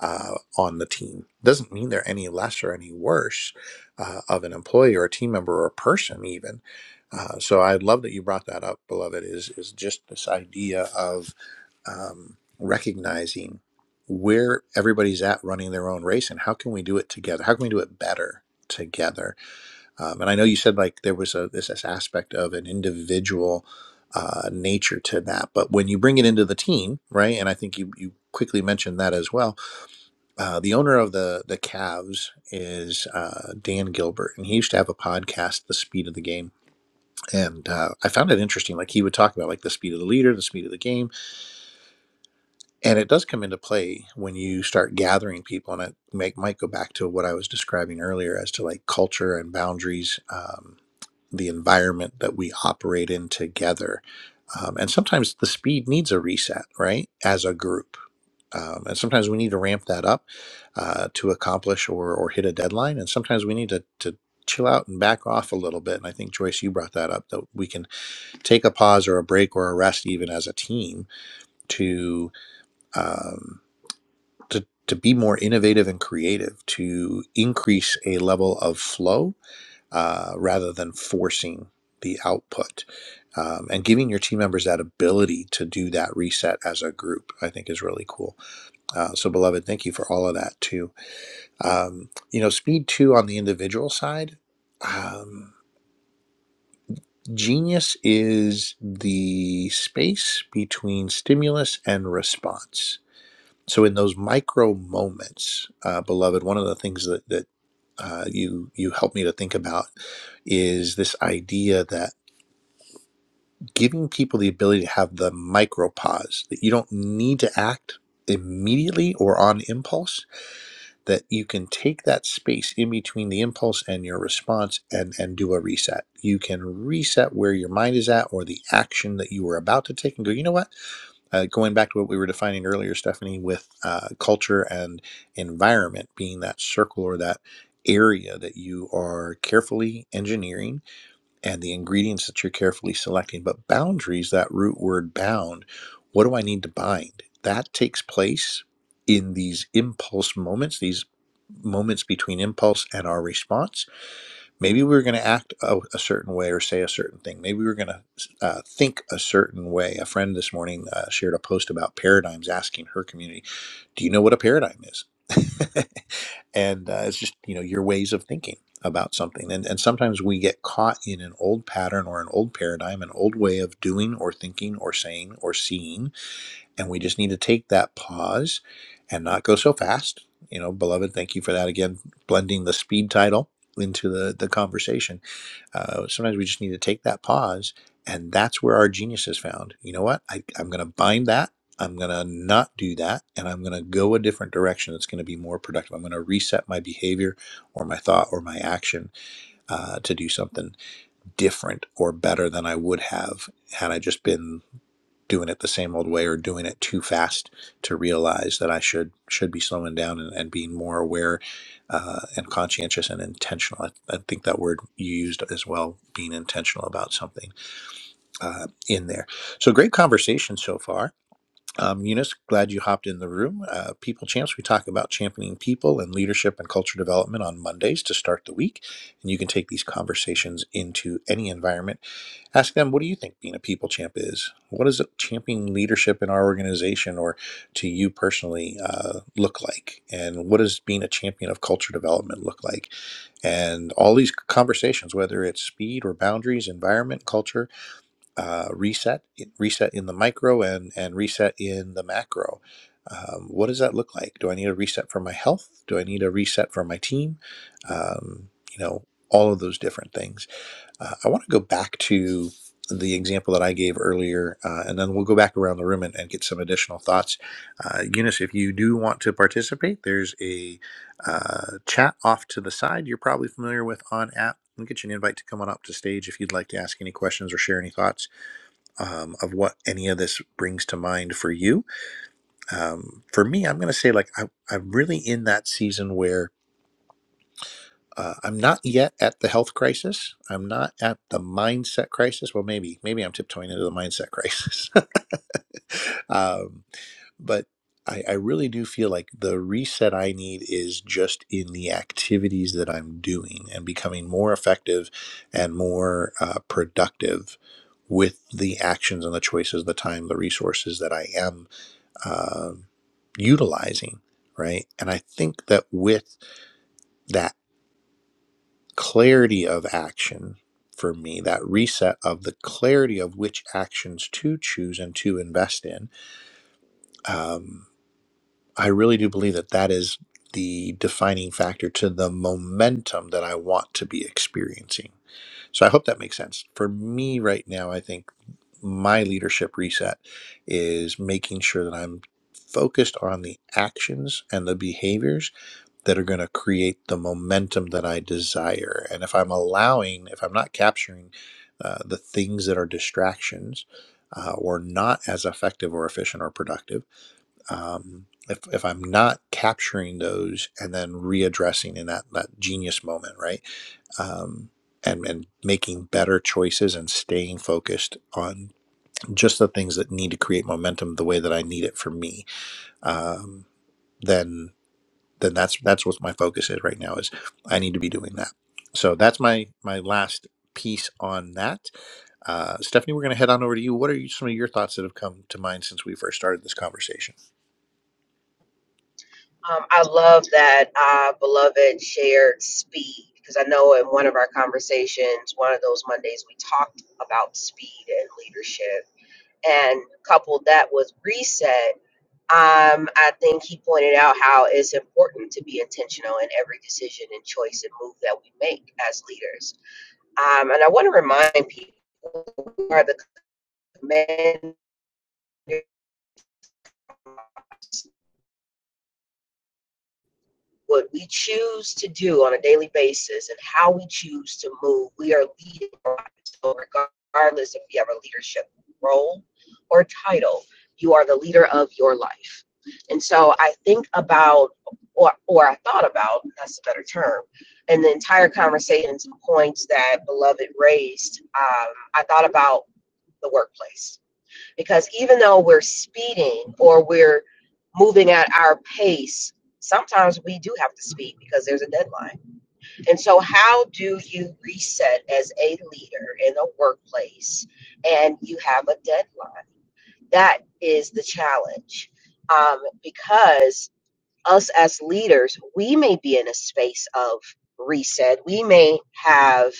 Speaker 1: uh, on the team doesn't mean they're any less or any worse uh, of an employee or a team member or a person even uh, so I love that you brought that up, beloved. Is is just this idea of um, recognizing where everybody's at running their own race and how can we do it together how can we do it better together um, and i know you said like there was a this, this aspect of an individual uh, nature to that but when you bring it into the team right and i think you, you quickly mentioned that as well uh, the owner of the the Cavs is uh, dan gilbert and he used to have a podcast the speed of the game and uh, i found it interesting like he would talk about like the speed of the leader the speed of the game And it does come into play when you start gathering people, and it make, might go back to what I was describing earlier as to like culture and boundaries, um, the environment that we operate in together. Um, and sometimes the speed needs a reset, right? As a group. Um, and sometimes we need to ramp that up uh, to accomplish or, or hit a deadline. And sometimes we need to, to chill out and back off a little bit. And I think, Joyce, you brought that up that we can take a pause or a break or a rest, even as a team, to. Um, to, to be more innovative and creative, to increase a level of flow uh, rather than forcing the output. Um, and giving your team members that ability to do that reset as a group, I think, is really cool. Uh, so, beloved, thank you for all of that too. Um, you know, speed two on the individual side. Um, genius is the space between stimulus and response So in those micro moments, uh, beloved, one of the things that that uh, you you help me to think about is this idea that giving people the ability to have the micro pause that you don't need to act immediately or on impulse that you can take that space in between the impulse and your response and and do a reset you can reset where your mind is at or the action that you were about to take and go you know what uh, going back to what we were defining earlier, Stephanie, with uh, culture and environment being that circle or that area that you are carefully engineering and the ingredients that you're carefully selecting. But boundaries, that root word bound, what do I need to bind? That takes place in these impulse moments, these moments between impulse and our response Maybe we were going to act a, a certain way or say a certain thing. Maybe we were going to uh, think a certain way. A friend this morning uh, shared a post about paradigms, asking her community, "Do you know what a paradigm is?" and uh, it's just you know your ways of thinking about something. And and sometimes we get caught in an old pattern or an old paradigm, an old way of doing or thinking or saying or seeing and we just need to take that pause and not go so fast you know beloved thank you for that again blending the speed title into the the conversation uh, sometimes we just need to take that pause and that's where our genius is found you know what I, i'm going to bind that i'm going to not do that and i'm going to go a different direction that's going to be more productive i'm going to reset my behavior or my thought or my action uh, to do something different or better than i would have had i just been doing it the same old way or doing it too fast to realize that I should should be slowing down and, and being more aware uh, and conscientious and intentional. I, I think that word you used as well, being intentional about something uh, in there. So great conversation so far. Um, Eunice, glad you hopped in the room. Uh, people Champs, we talk about championing people and leadership and culture development on Mondays to start the week. And you can take these conversations into any environment. Ask them, what do you think being a people champ is? What does championing leadership in our organization or to you personally uh, look like? And what does being a champion of culture development look like? And all these conversations, whether it's speed or boundaries, environment, culture, uh, reset, reset in the micro and, and reset in the macro. Um, what does that look like? Do I need a reset for my health? Do I need a reset for my team? Um, you know, all of those different things. Uh, I want to go back to the example that I gave earlier, uh, and then we'll go back around the room and, and get some additional thoughts. Uh, Eunice, if you do want to participate, there's a uh, chat off to the side you're probably familiar with on app. We'll get you an invite to come on up to stage if you'd like to ask any questions or share any thoughts um, of what any of this brings to mind for you. Um, for me, I'm going to say like I, I'm really in that season where uh, I'm not yet at the health crisis. I'm not at the mindset crisis. Well, maybe maybe I'm tiptoeing into the mindset crisis. um, but I, I really do feel like the reset I need is just in the activities that I'm doing and becoming more effective and more uh, productive with the actions and the choices, the time, the resources that I am um utilizing. Right. And I think that with that clarity of action for me, that reset of the clarity of which actions to choose and to invest in. Um, I really do believe that that is the defining factor to the momentum that I want to be experiencing. So I hope that makes sense. For me right now, I think my leadership reset is making sure that I'm focused on the actions and the behaviors that are going to create the momentum that I desire. And if I'm allowing, if I'm not capturing uh, the things that are distractions uh, or not as effective or efficient or productive, um, if, if I'm not capturing those and then readdressing in that, that genius moment, right? Um, and, and making better choices and staying focused on just the things that need to create momentum the way that I need it for me, um, then then that's that's what my focus is right now is I need to be doing that. So that's my my last piece on that. Uh, Stephanie, we're going to head on over to you. What are you, some of your thoughts that have come to mind since we first started this conversation?
Speaker 2: Um, I love that uh, beloved shared speed because I know in one of our conversations, one of those Mondays, we talked about speed and leadership and coupled that with reset Um, I think he pointed out how it's important to be intentional in every decision and choice and move that we make as leaders. Um, and I want to remind people who are the commanders what we choose to do on a daily basis and how we choose to move, we are leading. our lives. So regardless if you have a leadership role or title, you are the leader of your life. And so I think about, or, or I thought about, that's a better term, and the entire conversation, some points that Beloved raised, um, I thought about the workplace because even though we're speeding or we're moving at our pace, sometimes we do have to speed because there's a deadline. And so, how do you reset as a leader in a workplace and you have a deadline? That is the challenge um, because us as leaders, we may be in a space of reset. We may have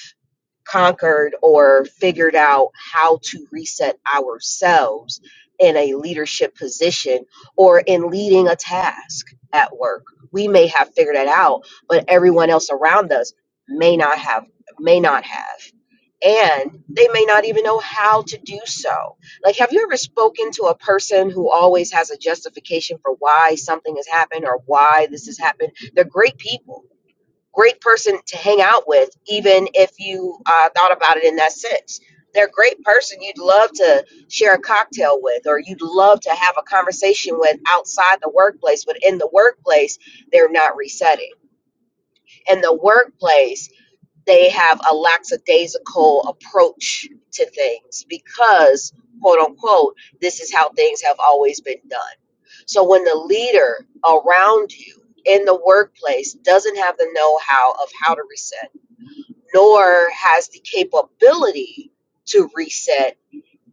Speaker 2: conquered or figured out how to reset ourselves in a leadership position or in leading a task at work. We may have figured it out, but everyone else around us may not have may not have. And they may not even know how to do so. Like, have you ever spoken to a person who always has a justification for why something has happened or why this has happened? They're great people great person to hang out with, even if you uh, thought about it in that sense. They're a great person you'd love to share a cocktail with, or you'd love to have a conversation with outside the workplace, but in the workplace, they're not resetting. In the workplace, they have a lackadaisical approach to things because, quote unquote, this is how things have always been done. So when the leader around you in the workplace doesn't have the know how of how to nor has the capability to reset.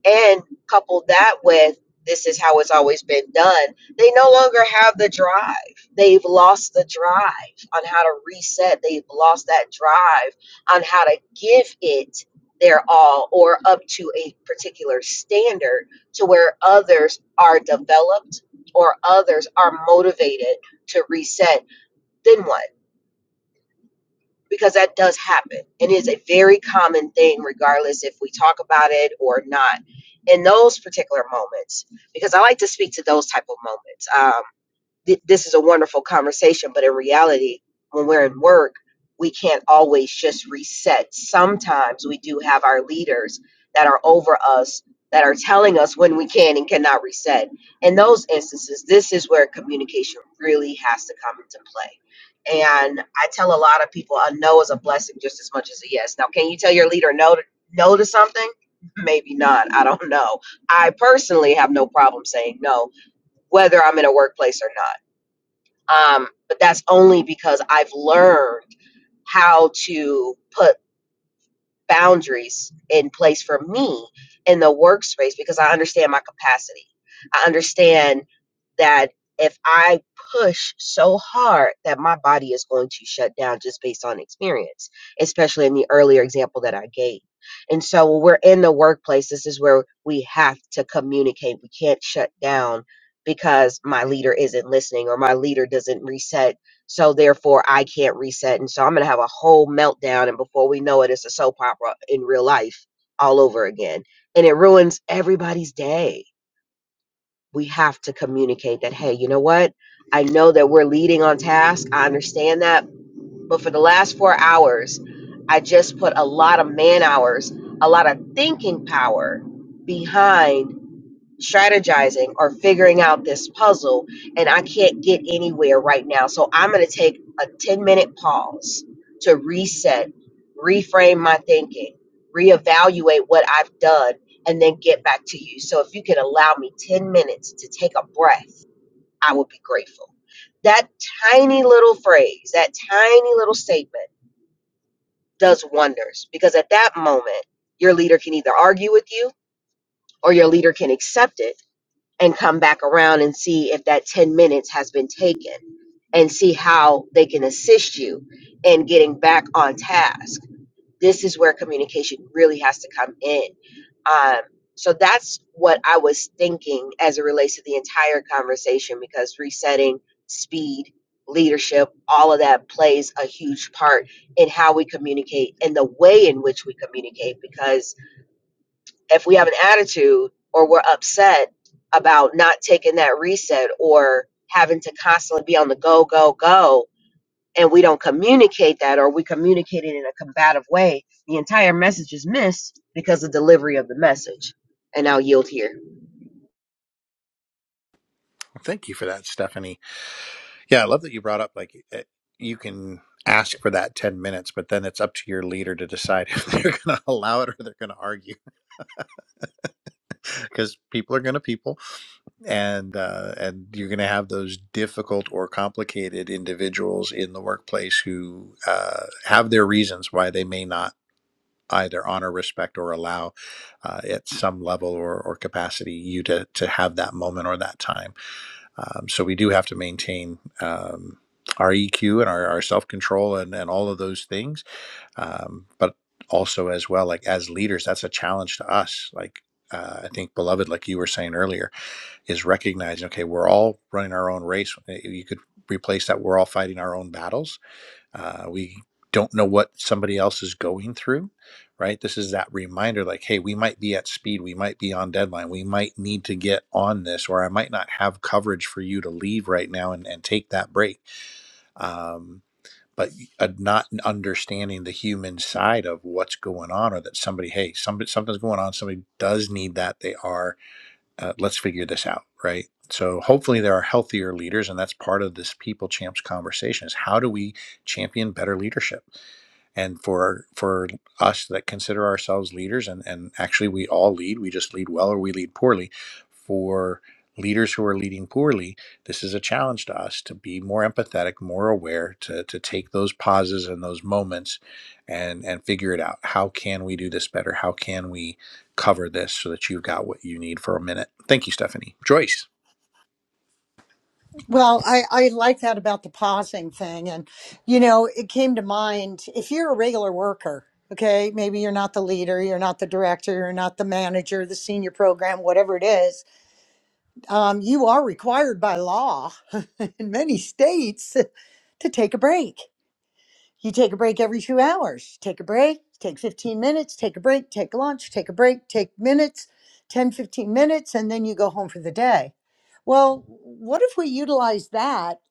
Speaker 2: And coupled that with this is how it's always been done, they no longer have the drive. They've lost the drive on how to reset, they've lost that drive on how to give it their all or up to a particular standard to where others are developed or others are motivated to reset then what because that does happen and it's a very common thing regardless if we talk about it or not in those particular moments because i like to speak to those type of moments Um, th- this is a wonderful conversation, but in reality, when we're at work, we can't always just reset. Sometimes we do have our leaders that are over us that are telling us when we can and cannot reset. In those instances, this is where communication really has to come into play. And I tell a lot of people a no is a blessing just as much as a yes. Now, can you tell your leader no to, no to something? Maybe not. I don't know. I personally have no problem saying no, whether I'm in a workplace or not um, but that's only because I've learned how to put boundaries in place for me in the workspace because I understand my capacity. I understand that if I push so hard that my body is going to shut down just based on experience, especially in the earlier example that I gave. And so when we're in the workplace, this is where we have to communicate. We can't shut down because my leader isn't listening or my leader doesn't reset so therefore, I can't reset. And so I'm going to have a whole meltdown. And before we know it, it's a soap opera in real life all over again. And it ruins everybody's day. We have to communicate that, hey, you know what? I know that we're leading on task. I understand that. But for the last four hours, I just put a lot of man hours, a lot of thinking power behind strategizing or figuring out this puzzle and I can't get anywhere right now. So I'm going to take a 10 minute pause to reset, reframe my thinking, reevaluate what I've done, and then get back to you. So if you could allow me 10 minutes to take a breath, I would be grateful. That tiny little phrase, that tiny little statement does wonders because at that moment, your leader can either argue with you or your leader can accept it and come back around and see if that 10 minutes has been taken and see how they can assist you in getting back on task. This is where communication really has to come in. Um, so that's what I was thinking as it relates to the entire conversation because resetting, speed, leadership, all of that plays a huge part in how we communicate and the way in which we communicate because if we have an attitude or we're upset about not taking that reset or having to constantly be on the go, go, go, and we don't communicate that or we communicate it in a combative way, the entire message is missed because of the delivery of the message. And I'll yield here.
Speaker 1: Well, thank you for that, Stephanie. Yeah, I love that you brought up like eh, you can ask for that 10 minutes, but then it's up to your leader to decide if they're going to allow it or they're going to argue because people are going to people and uh, and you're going to have those difficult or complicated individuals in the workplace who uh, have their reasons why they may not either honor, respect, or allow uh, at some level or, or capacity you to, to have that moment or that time Um, so we do have to maintain um, our EQ and our, our self control and, and all of those things. Um, but also, as well, like as leaders, that's a challenge to us. Like, uh, I think, beloved, like you were saying earlier, is recognizing, okay, we're all running our own race. Eh, You could replace that, we're all fighting our own battles uh, we don't know what somebody else is going through, right? This is that reminder like, hey, we might be at speed. We might be on deadline. We might need to get on this, or I might not have coverage for you to leave right now and, and take that break. Um, but uh, not understanding the human side of what's going on, or that somebody, hey, somebody, something's going on. Somebody does need that. They are. Uh, let's figure this out, right? So hopefully there are healthier leaders, and that's part of this people champs conversation: is how do we champion better leadership? and for for us that consider ourselves leaders and and actually we all lead we just lead well or we lead poorly for leaders who are leading poorly this is a challenge to us to be more empathetic more aware to to take those pauses and those moments and and figure it out how can we do this better how can we cover this so that you've got what you need for a minute thank you stephanie joyce
Speaker 3: Well, I, I like that about the pausing thing. And, you know, it came to mind if you're a regular worker, okay, maybe you're not the leader, you're not the director, you're not the manager, the senior program, whatever it is, um, you are required by law in many states to take a break. You take a break every two hours. Take a break, take 15 minutes, take a break, take lunch, take a break, take minutes, 10, 15 minutes, and then you go home for the day. Well, what if we utilize that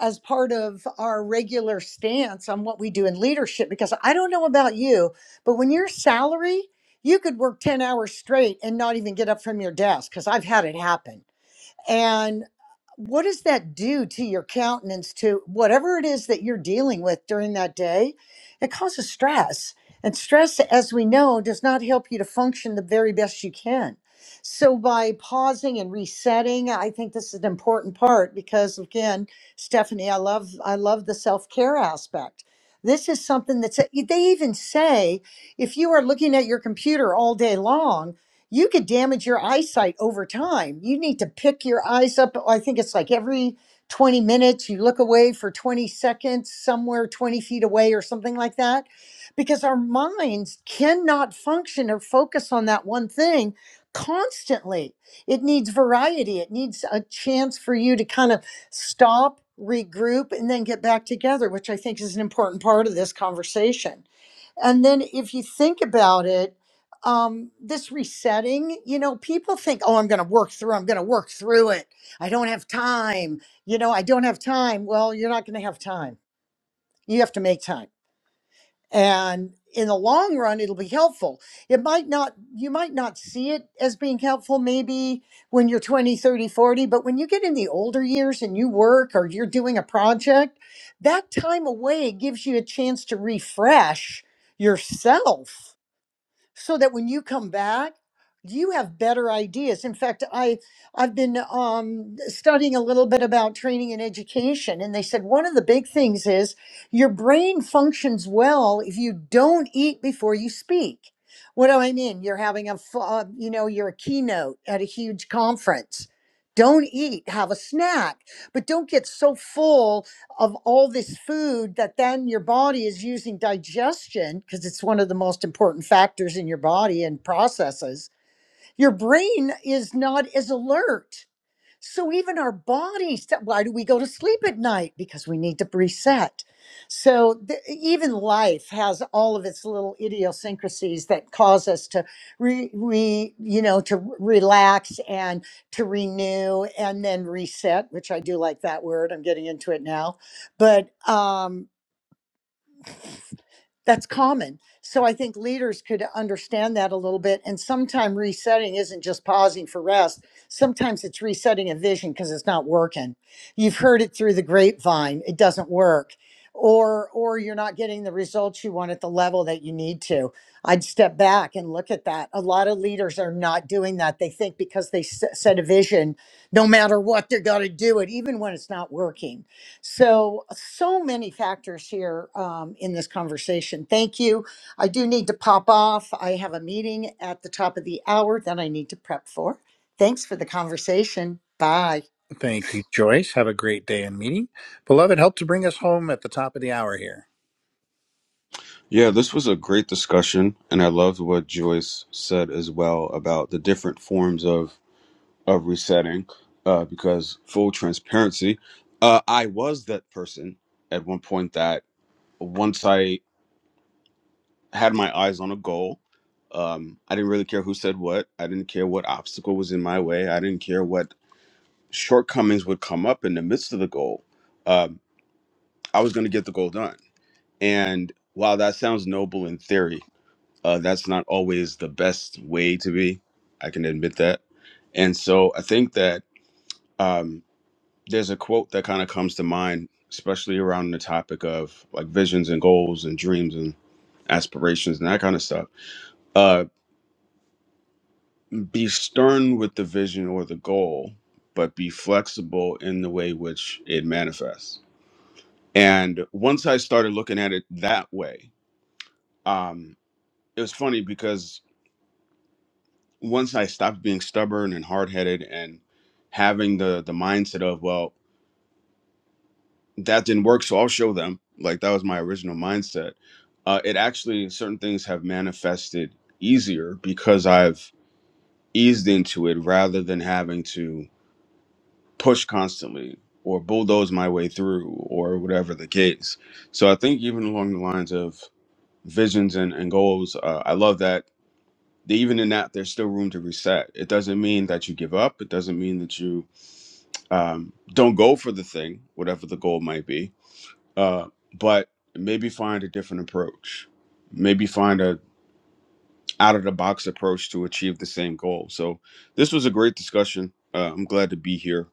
Speaker 3: as part of our regular stance on what we do in leadership? Because I don't know about you, but when you're salary, you could work 10 hours straight and not even get up from your desk because I've had it happen and what does that do to your countenance, to whatever it is that you're dealing with during that day? It causes stress. And stress, as we know, does not help you to function the very best you can. So, by pausing and resetting, I think this is an important part because, again, Stephanie, I love I love the self care aspect. This is something that's they even say if you are looking at your computer all day long you could damage your eyesight over time. You need to pick your eyes up. I think it's like every 20 minutes, you look away for 20 seconds, somewhere 20 feet away, or something like that, because our minds cannot function or focus on that one thing constantly. It needs variety, it needs a chance for you to kind of stop, regroup, and then get back together, which I think is an important part of this conversation. And then if you think about it, um this resetting you know people think oh i'm going to work through i'm going to work through it i don't have time you know i don't have time well you're not going to have time you have to make time and in the long run it'll be helpful it might not you might not see it as being helpful maybe when you're 20 30 40 but when you get in the older years and you work or you're doing a project that time away gives you a chance to refresh yourself so that when you come back you have better ideas in fact i i've been um, studying a little bit about training and education and they said one of the big things is your brain functions well if you don't eat before you speak what do i mean you're having a f- uh, you know you're a keynote at a huge conference don't eat have a snack but don't get so full of all this food that then your body is using digestion because it's one of the most important factors in your body and processes your brain is not as alert so even our bodies, that- why do we go to sleep at night? Because we need to reset. So th- even life has all of its little idiosyncrasies that cause us to re, re you know, to r- relax and to renew and then reset, which I do like that word. I'm getting into it now. But um that's common. So I think leaders could understand that a little bit. And sometimes resetting isn't just pausing for rest. Sometimes it's resetting a vision because it's not working. You've heard it through the grapevine. It doesn't work. Or or you're not getting the results you want at the level that you need to. I'd step back and look at that. A lot of leaders are not doing that. They think because they s- set a vision, no matter what, they're going to do it, even when it's not working so, so many factors here um, in this conversation. Thank you. I do need to pop off. I have a meeting at the top of the hour that I need to prep for. Thanks for the conversation. Bye.
Speaker 1: thank you joyce have a great day and meeting beloved help to bring us home at the top of the hour here
Speaker 4: Yeah, this was a great discussion, and I loved what Joyce said as well about the different forms of of resetting. Uh, because full transparency, uh, I was that person at one point that once I had my eyes on a goal, um, I didn't really care who said what. I didn't care what obstacle was in my way. I didn't care what shortcomings would come up in the midst of the goal. Um, I was going to get the goal done, and while that sounds noble in theory uh, that's not always the best way to be. I can admit that. And so I think that um, there's a quote that kind of comes to mind, especially around the topic of like visions and goals and dreams and aspirations and that kind of stuff. Uh, be stern with the vision or the goal, but be flexible in the way which it manifests. And once I started looking at it that way, um, it was funny because once I stopped being stubborn and hard headed and having the the mindset of well that didn't work so I'll show them like that was my original mindset. Uh, it actually certain things have manifested easier because I've eased into it rather than having to push constantly or bulldoze my way through or whatever the case. So I think even along the lines of visions and, and goals, uh, I love that even in that there's still room to reset. It doesn't mean that you give up. It doesn't mean that you um, don't go for the thing, whatever the goal might be, uh, but maybe find a different approach. Maybe find a out of the box approach to achieve the same goal. So this was a great discussion. Uh, I'm glad to be here,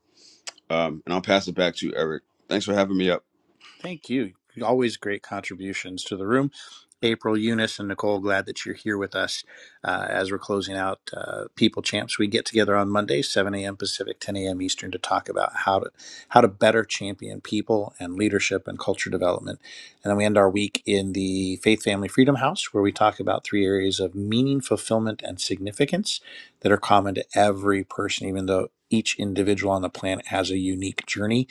Speaker 4: um, and I'll pass it back to you, Eric. Thanks for having me up.
Speaker 1: Thank you. Always great contributions to the room. April, Eunice, and Nicole, glad that you're here with us uh, as we're closing out uh, People Champs. We get together on Monday, 7 a.m. Pacific, 10 a.m. Eastern, to talk about how to how to better champion people and leadership and culture development. And then we end our week in the Faith Family Freedom House, where we talk about three areas of meaning, fulfillment, and significance that are common to every person, even though each individual on the planet has a unique journey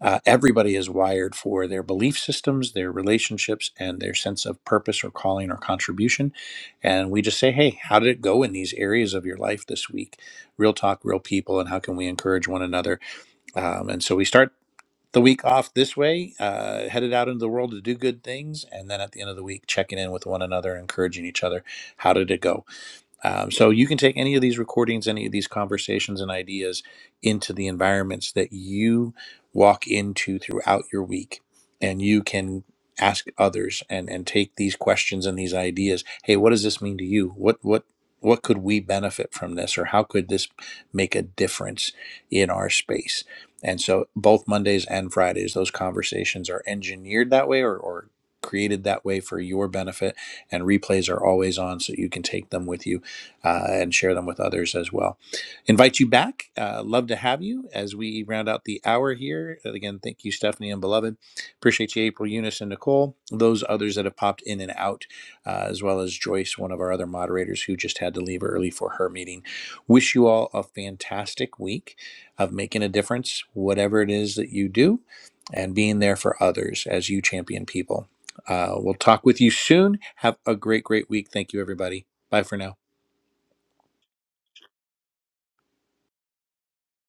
Speaker 1: uh, everybody is wired for their belief systems, their relationships, and their sense of purpose or calling or contribution. And we just say, hey, how did it go in these areas of your life this week? Real talk, real people, and how can we encourage one another? Um, and so we start the week off this way, uh, headed out into the world to do good things. And then at the end of the week, checking in with one another, encouraging each other. How did it go? Um, so you can take any of these recordings, any of these conversations and ideas into the environments that you walk into throughout your week, and you can ask others and and take these questions and these ideas. Hey, what does this mean to you? What what what could we benefit from this, or how could this make a difference in our space? And so, both Mondays and Fridays, those conversations are engineered that way, or, or created that way for your benefit. And replays are always on, so you can take them with you uh, and share them with others as well. Invite you back. Uh, love to have you as we round out the hour here. And again, thank you, Stephanie and Beloved. Appreciate you, April, Eunice, and Nicole. Those others that have popped in and out, uh, as well as Joyce, one of our other moderators who just had to leave early for her meeting. Wish you all a fantastic week of making a difference, whatever it is that you do, and being there for others as you champion people. Uh, we'll talk with you soon. Have a great, great week. Thank you, everybody. Bye for now.